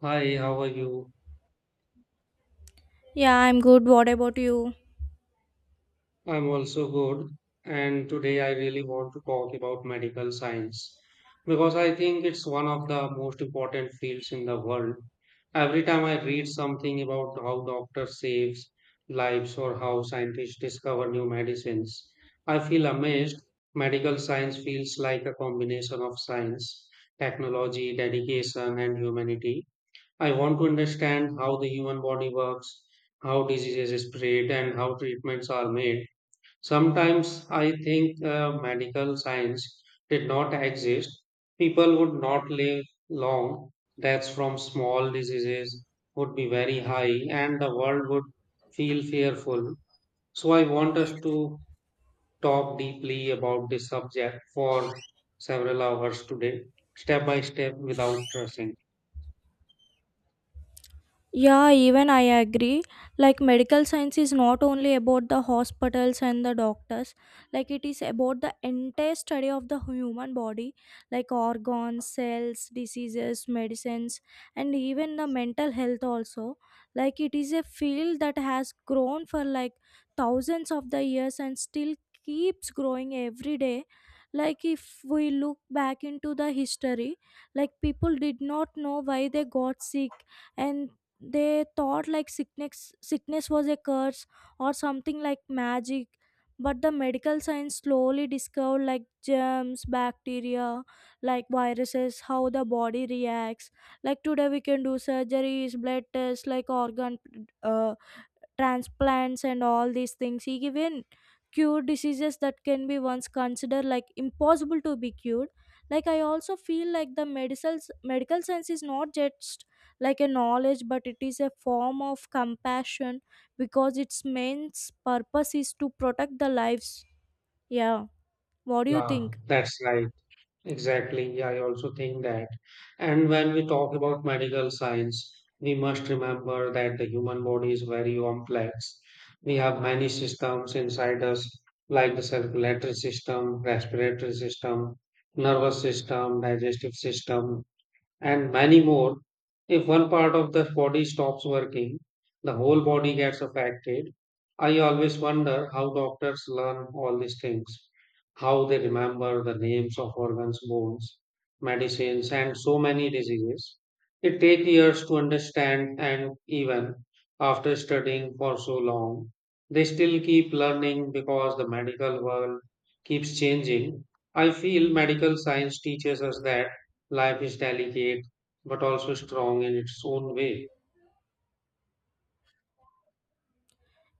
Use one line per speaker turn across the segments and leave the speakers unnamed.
Hi, how are you?
Yeah, I'm good. What about you?
I'm also good. And today I really want to talk about medical science because I think it's one of the most important fields in the world. Every time I read something about how doctors saves lives or how scientists discover new medicines, I feel amazed. Medical science feels like a combination of science, technology, dedication, and humanity. I want to understand how the human body works, how diseases spread, and how treatments are made. Sometimes I think medical science did not exist. People would not live long. Deaths from small diseases would be very high, and the world would feel fearful. So I want us to talk deeply about this subject for several hours today, step by step, without rushing.
Yeah, even I agree. Medical science is not only about the hospitals and the doctors. It is about the entire study of the human body, like organs, cells, diseases, medicines, and even the mental health, also. It is a field that has grown for like thousands of the years and still keeps growing every day. If we look back into the history, people did not know why they got sick and they thought like sickness was a curse or something like magic, but the medical science slowly discovered like germs, bacteria, like viruses, how the body reacts. Like today we can do surgeries, blood tests, like organ uh, transplants, and all these things he even cured diseases that can be once considered like impossible to be cured. Like I also feel like the medical science is not just like a knowledge, but it is a form of compassion because its main purpose is to protect the lives. Yeah, what do you
Yeah,
think?
that's right. Exactly. Yeah, I also think that. And when we talk about medical science, we must remember that the human body is very complex. We have many systems inside us, like the circulatory system, respiratory system, nervous system, digestive system, and many more. If one part of the body stops working, the whole body gets affected. I always wonder how doctors learn all these things, how they remember the names of organs, bones, medicines, and so many diseases. It takes years to understand, and even after studying for so long, they still keep learning because the medical world keeps changing. I feel medical science teaches us that life is delicate but also strong in its own way.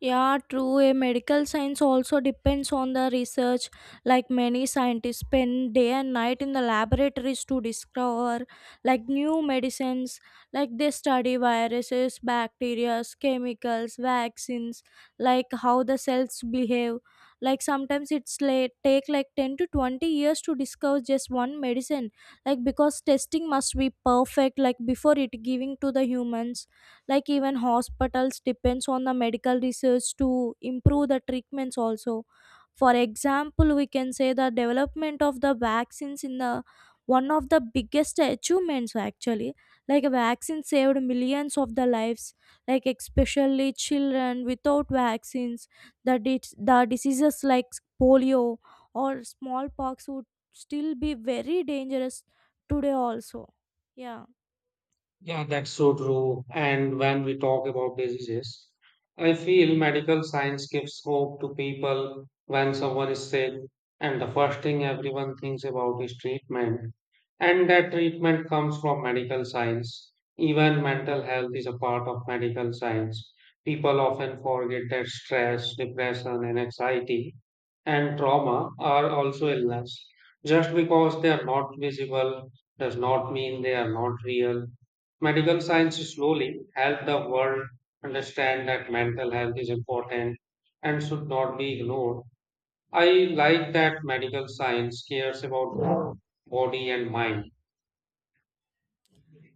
Yeah, true. A medical science also depends on the research. Like many scientists spend day and night in the laboratories to discover like new medicines. Like they study viruses, bacteria, chemicals, vaccines, like how the cells behave. Like sometimes it's late, take like 10 to 20 years to discover just one medicine. Like because testing must be perfect like before it giving to the humans. Like even hospitals depends on the medical research to improve the treatments also. For example, we can say the development of the vaccines in the one of the biggest achievements actually. Like a vaccine saved millions of the lives, like especially children. Without vaccines, the diseases like polio or smallpox would still be very dangerous today also. Yeah.
Yeah, that's so true. And when we talk about diseases, I feel medical science gives hope to people when someone is sick, and the first thing everyone thinks about is treatment. And that treatment comes from medical science. Even mental health is a part of medical science. People often forget that stress, depression, and anxiety and trauma are also illness. Just because they are not visible does not mean they are not real. Medical science slowly helped the world understand that mental health is important and should not be ignored. I like that medical science cares about body and mind.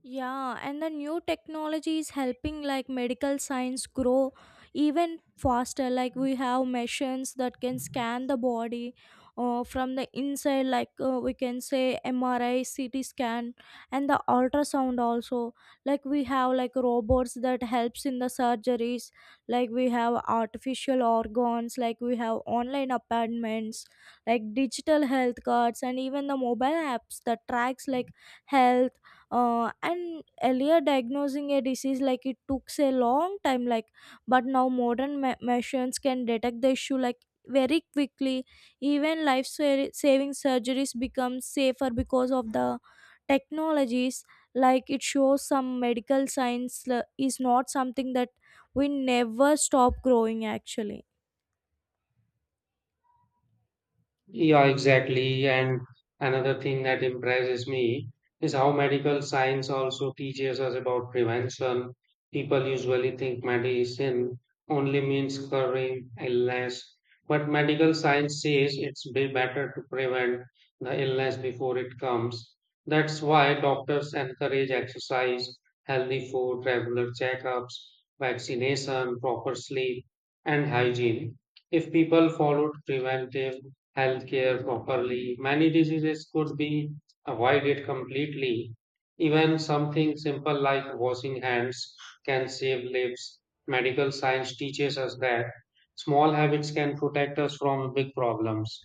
Yeah, and the new technology is helping like medical science grow even faster. Like we have machines that can scan the body from the inside, like we can say MRI, CT scan, and the ultrasound also. Like we have like robots that helps in the surgeries. Like we have artificial organs. Like we have online appointments, like digital health cards, and even the mobile apps that tracks like health. And earlier diagnosing a disease like it took a long time, like, but now modern machines can detect the issue like very quickly. Even life saving surgeries become safer because of the technologies. Like it shows some medical science is not something that we never stop growing actually.
Yeah, exactly. And another thing that impresses me is how medical science also teaches us about prevention. People usually think medicine only means curing illness, but medical science says it's way better to prevent the illness before it comes. That's why doctors encourage exercise, healthy food, regular checkups, vaccination, proper sleep, and hygiene. If people followed preventive healthcare properly, many diseases could be avoided completely. Even something simple like washing hands can save lives. Medical science teaches us that small habits can protect us from big problems.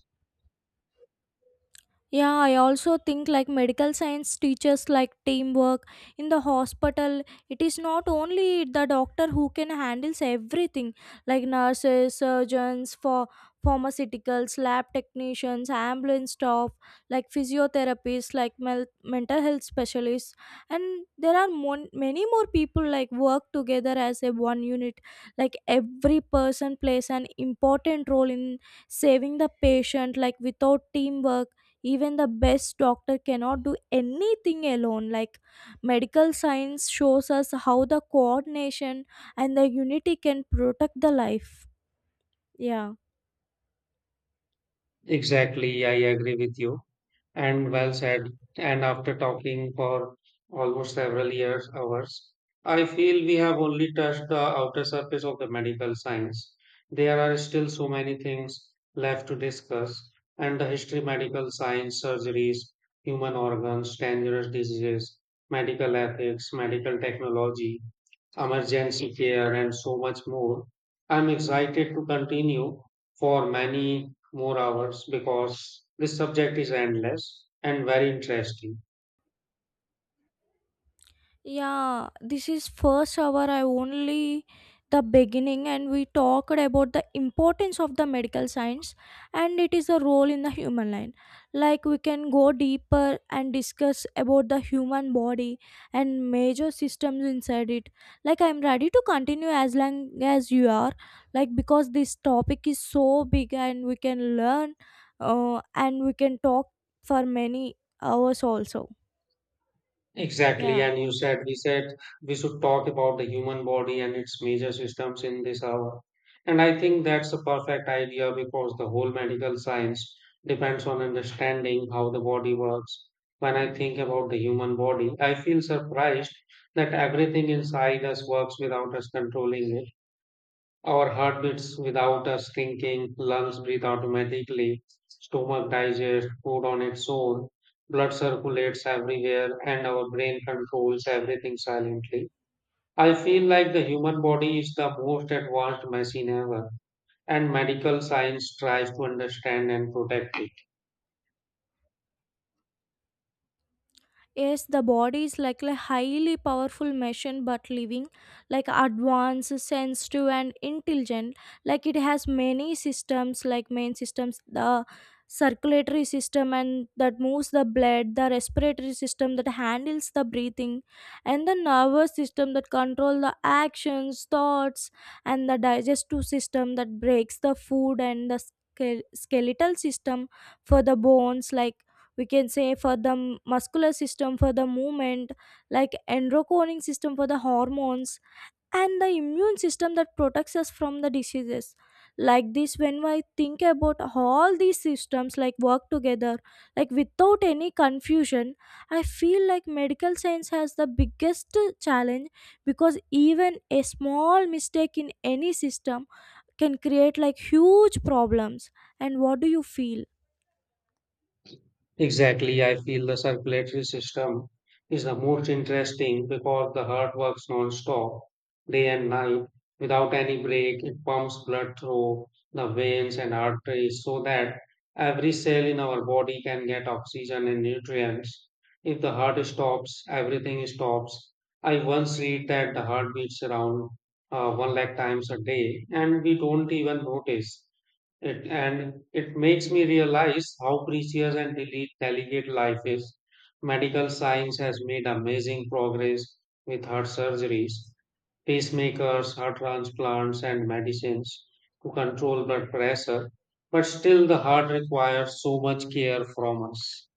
Yeah, I also think like medical science teaches like teamwork in the hospital. It is not only the doctor who can handles everything, like nurses, surgeons, for pharmaceuticals, lab technicians, ambulance staff, like physiotherapists, like mental health specialists, and there are many more people like work together as a one unit. Like every person plays an important role in saving the patient. Like without teamwork, even the best doctor cannot do anything alone. Like medical science shows us how the coordination and the unity can protect the life. Yeah.
Exactly, I agree with you. And well said. And after talking for almost several years, hours, I feel we have only touched the outer surface of the medical science. There are still so many things left to discuss, and the history, medical science, surgeries, human organs, dangerous diseases, medical ethics, medical technology, emergency care, and so much more. I'm excited to continue for many more hours because this subject is endless and very interesting.
Yeah, this is first hour. I only the beginning, and we talked about the importance of the medical science and it is a role in the human line. Like we can go deeper and discuss about the human body and major systems inside it. Like I'm ready to continue as long as you are. Like because this topic is so big and we can learn, and we can talk for many hours also.
Exactly,
Yeah.
and you said we should talk about the human body and its major systems in this hour. And I think that's a perfect idea because the whole medical science depends on understanding how the body works. When I think about the human body, I feel surprised that everything inside us works without us controlling it. Our heart beats without us thinking, lungs breathe automatically, stomach digests food on its own, blood circulates everywhere, and our brain controls everything silently. I feel like the human body is the most advanced machine ever, and medical science tries to understand and protect it.
Yes, the body is like a highly powerful machine, but living, like advanced, sensitive, and intelligent. Like it has many systems, like main systems, the circulatory system, and that moves the blood, the respiratory system that handles the breathing, and the nervous system that control the actions, thoughts, and the digestive system that breaks the food and the skeletal system for the bones. Like we can say for the muscular system for the movement, like endocrine system for the hormones, and the immune system that protects us from the diseases. Like this, when I think about all these systems like work together like without any confusion, I feel like medical science has the biggest challenge because even a small mistake in any system can create like huge problems. And what do you feel?
Exactly, I feel the circulatory system is the most interesting because the heart works non-stop, day and night, without any break. It pumps blood through the veins and arteries so that every cell in our body can get oxygen and nutrients. If the heart stops, everything stops. I once read that the heart beats around 1 lakh times a day, and we don't even notice. It makes me realize how precious and delicate life is. Medical science has made amazing progress with heart surgeries, pacemakers, heart transplants, and medicines to control blood pressure. But still, the heart requires so much care from us.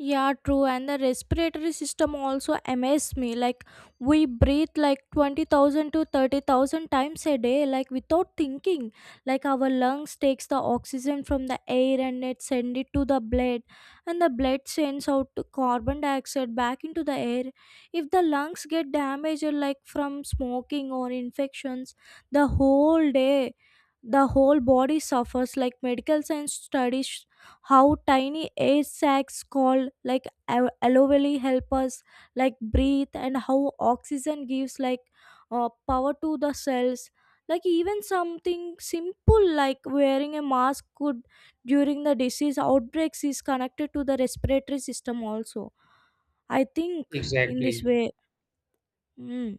Yeah, true. And the respiratory system also amazed me. Like, we breathe like 20,000 to 30,000 times a day, like without thinking. Like, our lungs takes the oxygen from the air and it send it to the blood. And the blood sends out the carbon dioxide back into the air. If the lungs get damaged, like from smoking or infections, the whole day the whole body suffers. Like medical science studies how tiny air sacs called like aloe vera help us like breathe and how oxygen gives like power to the cells. Like even something simple like wearing a mask could during the disease outbreaks is connected to the respiratory system also, I think, in this
Exactly.
way. Mm.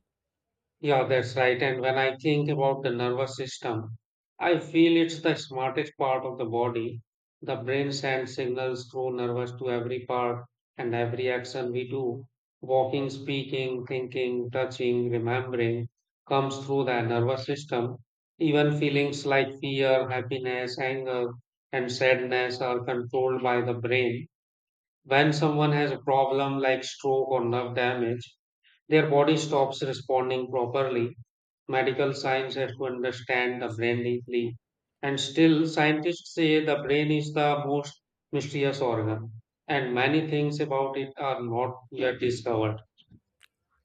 Yeah, that's right. And when I think about the nervous system, I feel it's the smartest part of the body. The brain sends signals through nervous to every part and every action we do. Walking, speaking, thinking, touching, remembering comes through the nervous system. Even feelings like fear, happiness, anger, and sadness are controlled by the brain. When someone has a problem like stroke or nerve damage, their body stops responding properly. Medical science has to understand the brain deeply. And still, scientists say the brain is the most mysterious organ, and many things about it are not yet discovered.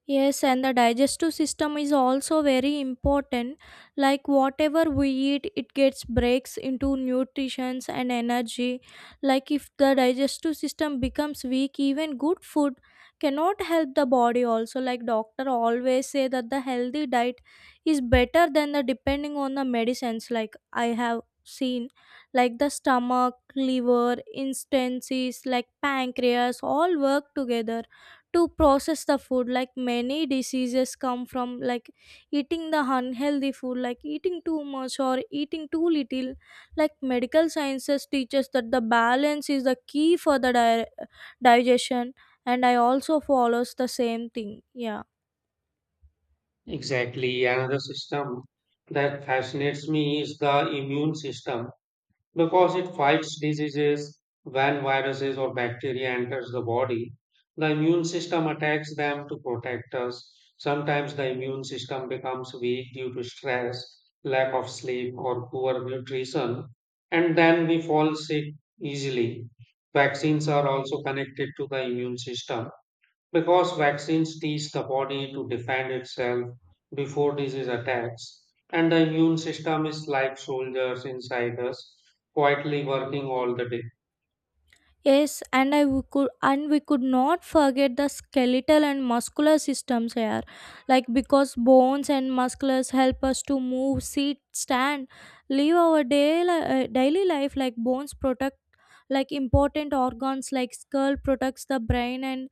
Yes, and the digestive system is also very important. Like whatever we eat, it gets breaks into nutritions and energy. Like if the digestive system becomes weak, even good food cannot help the body also. Like doctor always say that the healthy diet is better than the depending on the medicines. Like I have seen like the stomach, liver, instances like pancreas all work together to process the food. Like many diseases come from like eating the unhealthy food, like eating too much or eating too little. Like medical sciences teaches that the balance is the key for the digestion, and I also follows the same thing. Yeah.
Exactly, another system that fascinates me is the immune system, because it fights diseases. When viruses or bacteria enters the body, the immune system attacks them to protect us. Sometimes the immune system becomes weak due to stress, lack of sleep, or poor nutrition, and then we fall sick easily. Vaccines are also connected to the immune system because vaccines teach the body to defend itself before disease attacks, and the immune system is like soldiers inside us, quietly working all the day.
Yes, and I w- could and we could not forget the skeletal and muscular systems here, like because bones and musculars help us to move, sit, stand, live our daily daily life. Like bones protect like important organs, like skull protects the brain and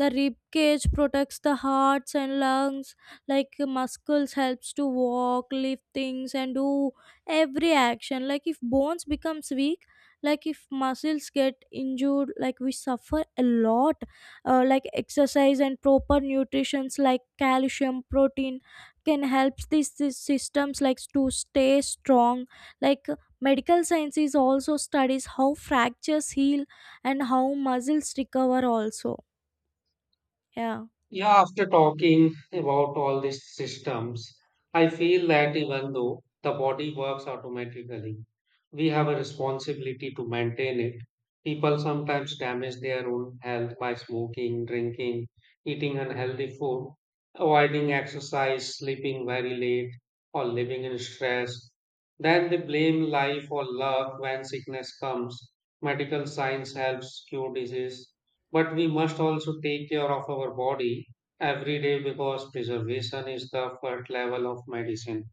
the rib cage protects the hearts and lungs, like muscles helps to walk, lift things, and do every action. Like if bones becomes weak, like if muscles get injured, like we suffer a lot. Like exercise and proper nutritions, like calcium, protein, can help these systems like to stay strong. Like medical sciences also studies how fractures heal and how muscles recover also. Yeah.
Yeah, after talking about all these systems, I feel that even though the body works automatically, we have a responsibility to maintain it. People sometimes damage their own health by smoking, drinking, eating unhealthy food, avoiding exercise, sleeping very late, or living in stress. Then they blame life or love when sickness comes. Medical science helps cure disease, but we must also take care of our body every day because preservation is the first level of medicine.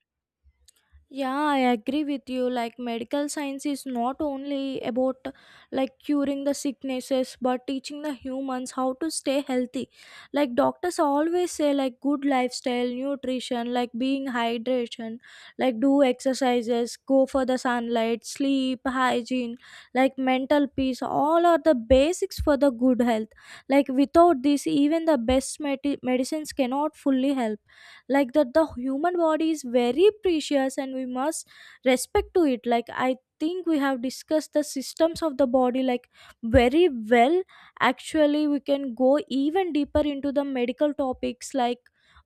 Yeah, I agree with you. Medical science is not only about like curing the sicknesses, but teaching the humans how to stay healthy. Like, doctors always say, like, good lifestyle, nutrition, like being hydration, like, do exercises, go for the sunlight, sleep, hygiene, like, mental peace. All are the basics for the good health. Like, without this, even the best medicines cannot fully help like that the human body is very precious, and we must respect to it. Like I think we have discussed the systems of the body like very well. Actually, we can go even deeper into the medical topics, like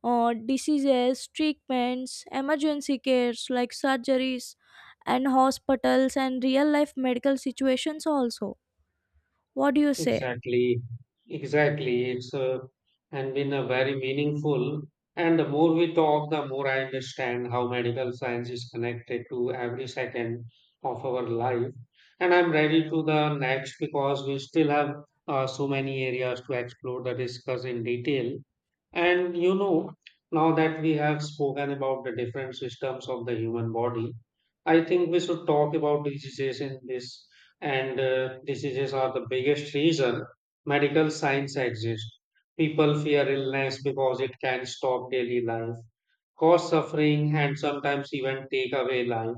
diseases, treatments, emergency cares, like surgeries and hospitals and real life medical situations also. What do you say?
Exactly. Exactly. It's and been a very meaningful. And the more we talk, the more I understand how medical science is connected to every second of our life. And I'm ready to the next because we still have so many areas to explore the discuss in detail. And you know, now that we have spoken about the different systems of the human body, I think we should talk about diseases in this. And diseases are the biggest reason medical science exists. People fear illness because it can stop daily life, cause suffering, and sometimes even take away life.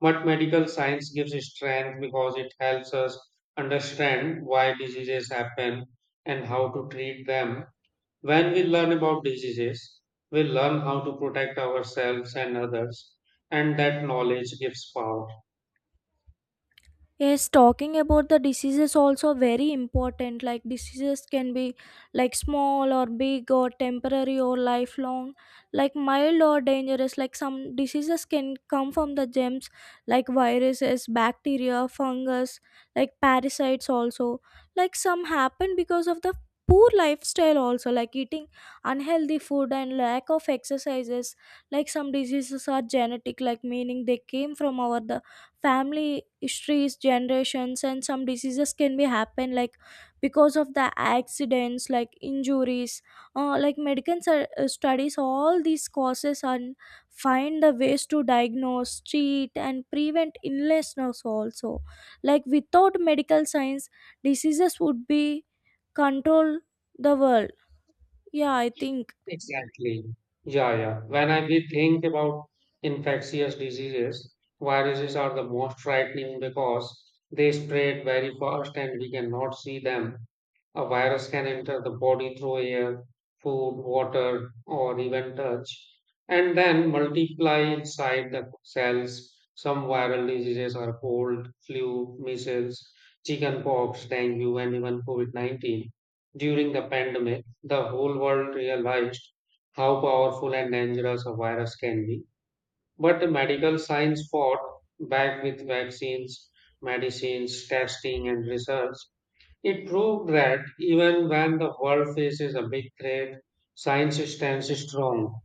But medical science gives strength because it helps us understand why diseases happen and how to treat them. When we learn about diseases, we learn how to protect ourselves and others, and that knowledge gives power.
Yes, talking about the diseases also very important. Like diseases can be like small or big or temporary or lifelong, like mild or dangerous. Like some diseases can come from the germs, like viruses, bacteria, fungus, like parasites also. Like some happen because of the poor lifestyle also, like eating unhealthy food and lack of exercises. Like some diseases are genetic, like meaning they came from our family histories generations, and some diseases can be happen like because of the accidents, like injuries. Like medical studies all these causes and find the ways to diagnose, treat, and prevent illnesses also. Like without medical science, diseases would be control the world, yeah, I think.
Exactly. Yeah, yeah. When I we think about infectious diseases, viruses are the most frightening because they spread very fast and we cannot see them. A virus can enter the body through air, food, water, or even touch, and then multiply inside the cells. Some viral diseases are cold, flu, measles, chickenpox, dengue, and even COVID -19. During the pandemic, the whole world realized how powerful and dangerous a virus can be. But the medical science fought back with vaccines, medicines, testing, and research. It proved that even when the world faces a big threat, science stands strong.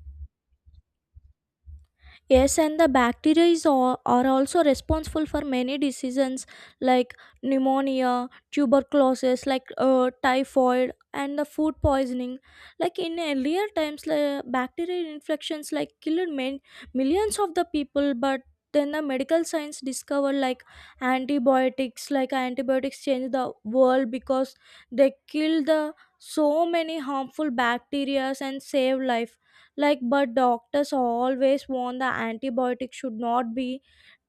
Yes, and the bacteria is all, are also responsible for many diseases like pneumonia, tuberculosis, like typhoid, and the food poisoning. Like in earlier times, like, bacterial infections like killed many, millions of the people, but then the medical science discovered like antibiotics, like antibiotics changed the world because they killed the so many harmful bacteria and saved life. Like but doctors always warn the antibiotic should not be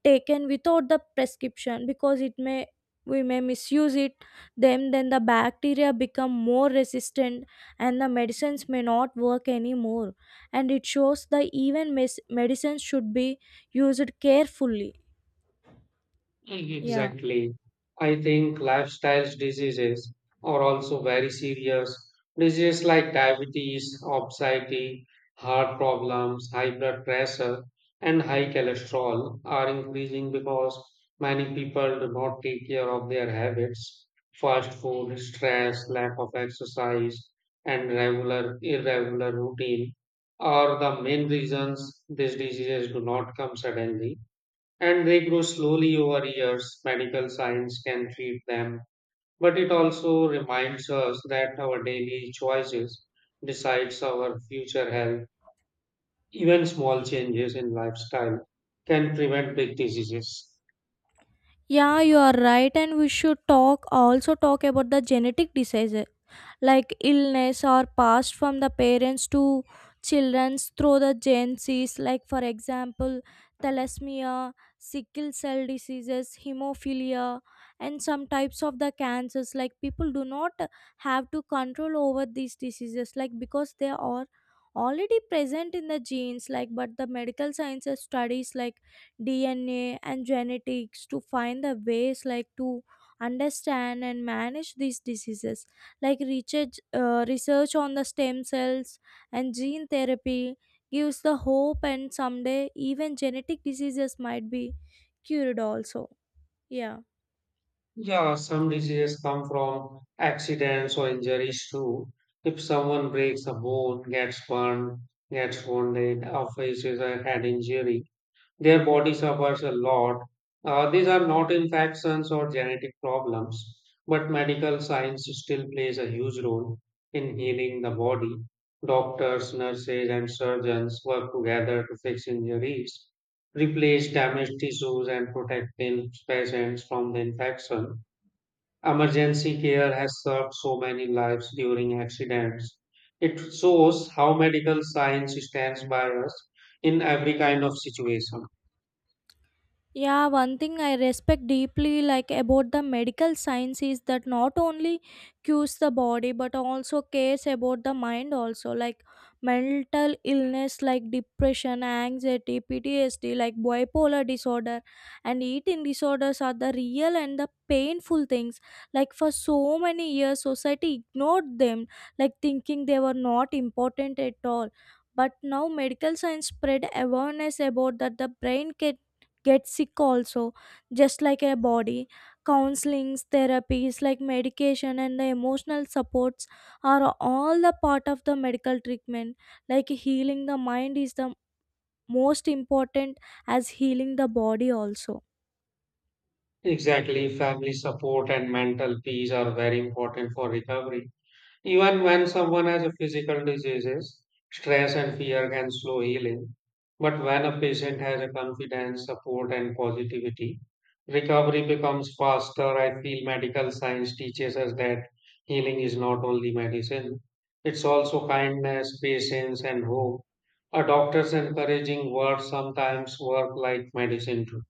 taken without the prescription because it may, we may misuse it. Then the bacteria become more resistant and the medicines may not work anymore. And it shows that even medicines should be used carefully. Yeah.
Exactly. I think lifestyle diseases are also very serious. Diseases like diabetes, obesity, heart problems, high blood pressure, and high cholesterol are increasing because many people do not take care of their habits. Fast food, stress, lack of exercise, and regular irregular routine are the main reasons these diseases do not come suddenly, and they grow slowly over years. Medical science can treat them, but it also reminds us that our daily choices decides our future health. Even small changes in lifestyle can prevent big diseases.
Yeah, you are right, and we should talk, also talk about the genetic diseases, like illness are passed from the parents to children through the genes, like for example thalassemia, sickle cell diseases, hemophilia, and some types of the cancers. Like people do not have to control over these diseases like because they are already present in the genes. Like but the medical sciences studies like DNA and genetics to find the ways like to understand and manage these diseases. Like research, research on the stem cells and gene therapy gives the hope, and someday even genetic diseases might be cured also. Yeah.
Yeah, some diseases come from accidents or injuries too. If someone breaks a bone, gets burned, gets wounded, or faces a head injury, their body suffers a lot. These are not infections or genetic problems, but medical science still plays a huge role in healing the body. Doctors, nurses, and surgeons work together to fix injuries, replace damaged tissues, and protect the patients from the infection. Emergency care has saved so many lives during accidents. It shows how medical science stands by us in every kind of situation.
Yeah, one thing I respect deeply like about the medical science is that not only cures the body but also cares about the mind also. Like mental illness like depression, anxiety, PTSD, like bipolar disorder and eating disorders are the real and the painful things. Like for so many years society ignored them, like thinking they were not important at all. But now medical science spread awareness about that the brain can get sick also, just like a body. Counselings, therapies like medication and the emotional supports are all the part of the medical treatment. Like healing the mind is the most important as healing the body also.
Exactly, family support and mental peace are very important for recovery. Even when someone has a physical diseases, stress and fear can slow healing. But when a patient has a confidence, support, and positivity, recovery becomes faster. I feel medical science teaches us that healing is not only medicine, it's also kindness, patience, and hope. A doctor's encouraging words sometimes work like medicine too.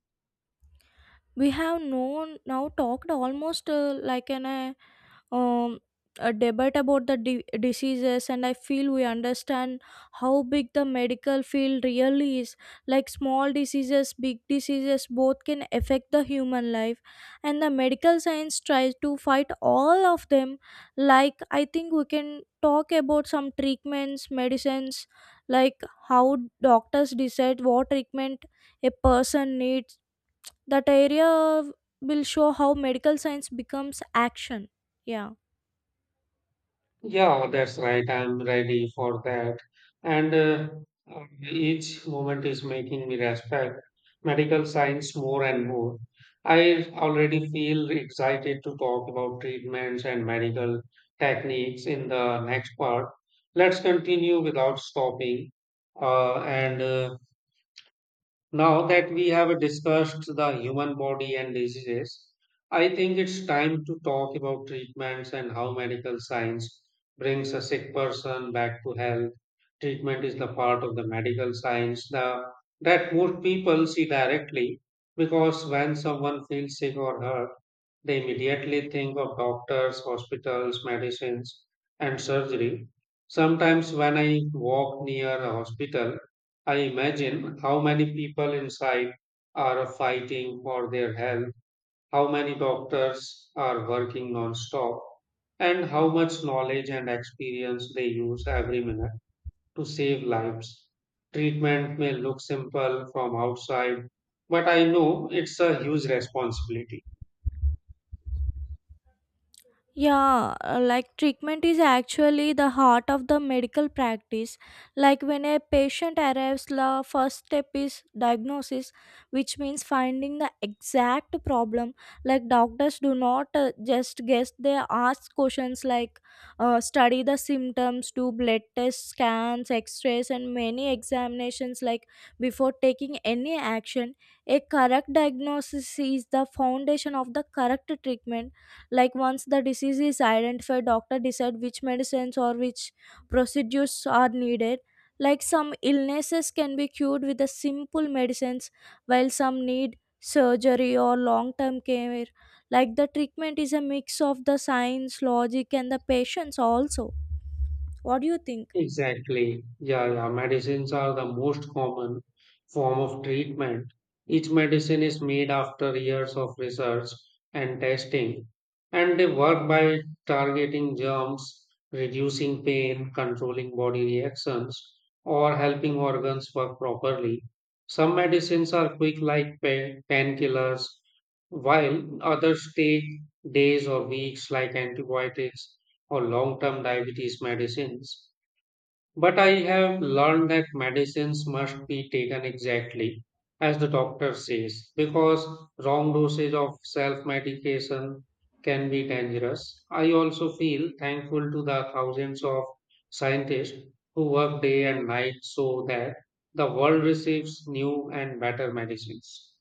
We have known now talked almost like an um, a debate about the diseases, and I feel we understand how big the medical field really is. Like small diseases, big diseases, both can affect the human life, and the medical science tries to fight all of them. Like I think we can talk about some treatments, medicines, like how doctors decide what treatment a person needs. That area will show how medical science becomes action. Yeah.
Yeah, that's right. I'm ready for that. And uh, each moment is making me respect medical science more and more. I already feel excited to talk about treatments and medical techniques in the next part. Let's continue without stopping. And Now that we have discussed the human body and diseases, I think it's time to talk about treatments and how medical science brings a sick person back to health. Treatment is the part of the medical science that most people see directly because when someone feels sick or hurt, they immediately think of doctors, hospitals, medicines, and surgery. Sometimes, when I walk near a hospital, I imagine how many people inside are fighting for their health, how many doctors are working non stop, and how much knowledge and experience they use every minute to save lives. Treatment may look simple from outside, but I know it's a huge responsibility.
Yeah, like treatment is actually the heart of the medical practice. Like when a patient arrives, the first step is diagnosis, which means finding the exact problem. Like doctors do not just guess, they ask questions like, study the symptoms, do blood tests, scans, x rays, and many examinations. Like before taking any action, a correct diagnosis is the foundation of the correct treatment. Like once the disease is identified, doctor decide which medicines or which procedures are needed. Like some illnesses can be cured with the simple medicines, while some need surgery or long term care. Like the treatment is a mix of the science, logic, and the patience also. What do you think?
Exactly. Yeah, yeah. Medicines are the most common form of treatment. Each medicine is made after years of research and testing, and they work by targeting germs, reducing pain, controlling body reactions, or helping organs work properly. Some medicines are quick, like painkillers, while others take days or weeks, like antibiotics or long term diabetes medicines. But I have learned that medicines must be taken exactly as the doctor says, because wrong dosage of self medication can be dangerous. I also feel thankful to the thousands of scientists who work day and night so that the world receives new and better medicines.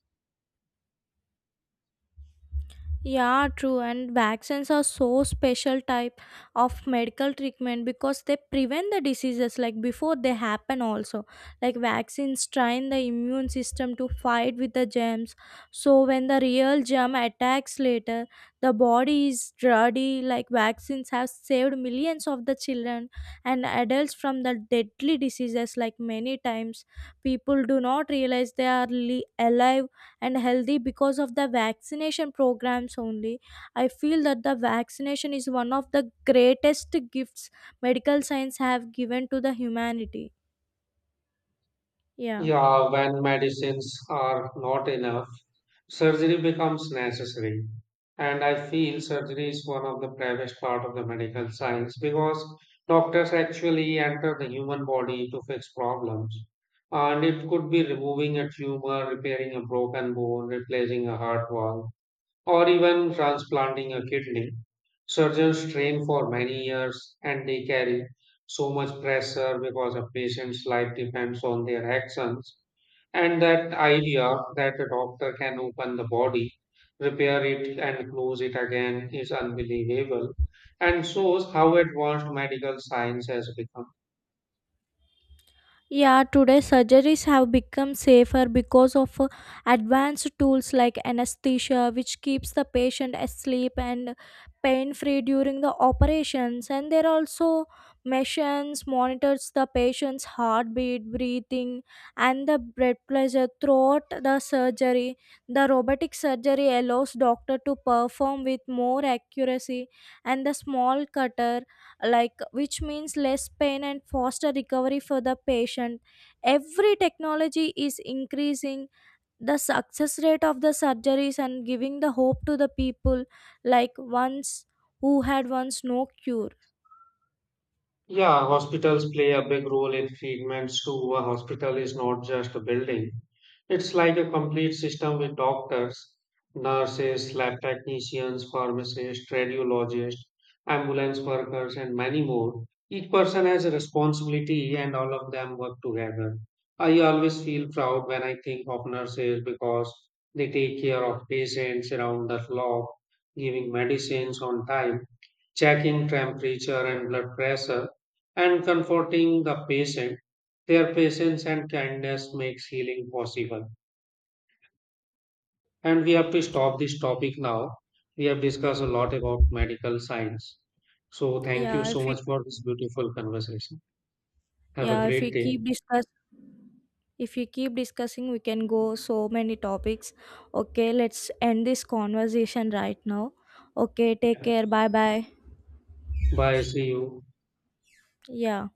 Yeah, true. And vaccines are so special type of medical treatment because they prevent the diseases like before they happen also. Like vaccines train the immune system to fight with the germs. So when the real germ attacks later, the body is ready. Like vaccines have saved millions of the children and adults from the deadly diseases. Like many times people do not realize they are alive and healthy because of the vaccination programs only. I feel that the vaccination is one of the greatest gifts medical science have given to the humanity. Yeah.
Yeah, when medicines are not enough, surgery becomes necessary. And I feel surgery is one of the bravest part of the medical science because doctors actually enter the human body to fix problems. And it could be removing a tumor, repairing a broken bone, replacing a heart valve, or even transplanting a kidney. Surgeons train for many years and they carry so much pressure because a patient's life depends on their actions, and that idea that a doctor can open the body, repair it, and close it again is unbelievable and shows how advanced medical science has become.
Yeah, today surgeries have become safer because of advanced tools like anesthesia, which keeps the patient asleep and pain free during the operations. And there are also machines monitors the patient's heartbeat, breathing, and the blood pressure throughout the surgery. The robotic surgery allows doctor to perform with more accuracy, and the small cutter, like which means less pain and faster recovery for the patient. Every technology is increasing the success rate of the surgeries and giving the hope to the people like once, who had once no cure.
Yeah, hospitals play a big role in treatments too. A hospital is not just a building. It's like a complete system with doctors, nurses, lab technicians, pharmacists, radiologists, ambulance workers, and many more. Each person has a responsibility and all of them work together. I always feel proud when I think of nurses because they take care of patients around the clock, giving medicines on time, checking temperature and blood pressure and comforting the patient. Their patience and kindness makes healing possible. And we have to stop this topic now. We have discussed a lot about medical science. So thank you
yeah if
so
we,
much for this beautiful conversation. Have a
yeah if
great
we
day.
keep discuss if we keep discussing, we can go so many topics. Okay, let's end this conversation right now. Okay, take
Yeah.
care, bye bye.
Bye. See you.
Yeah.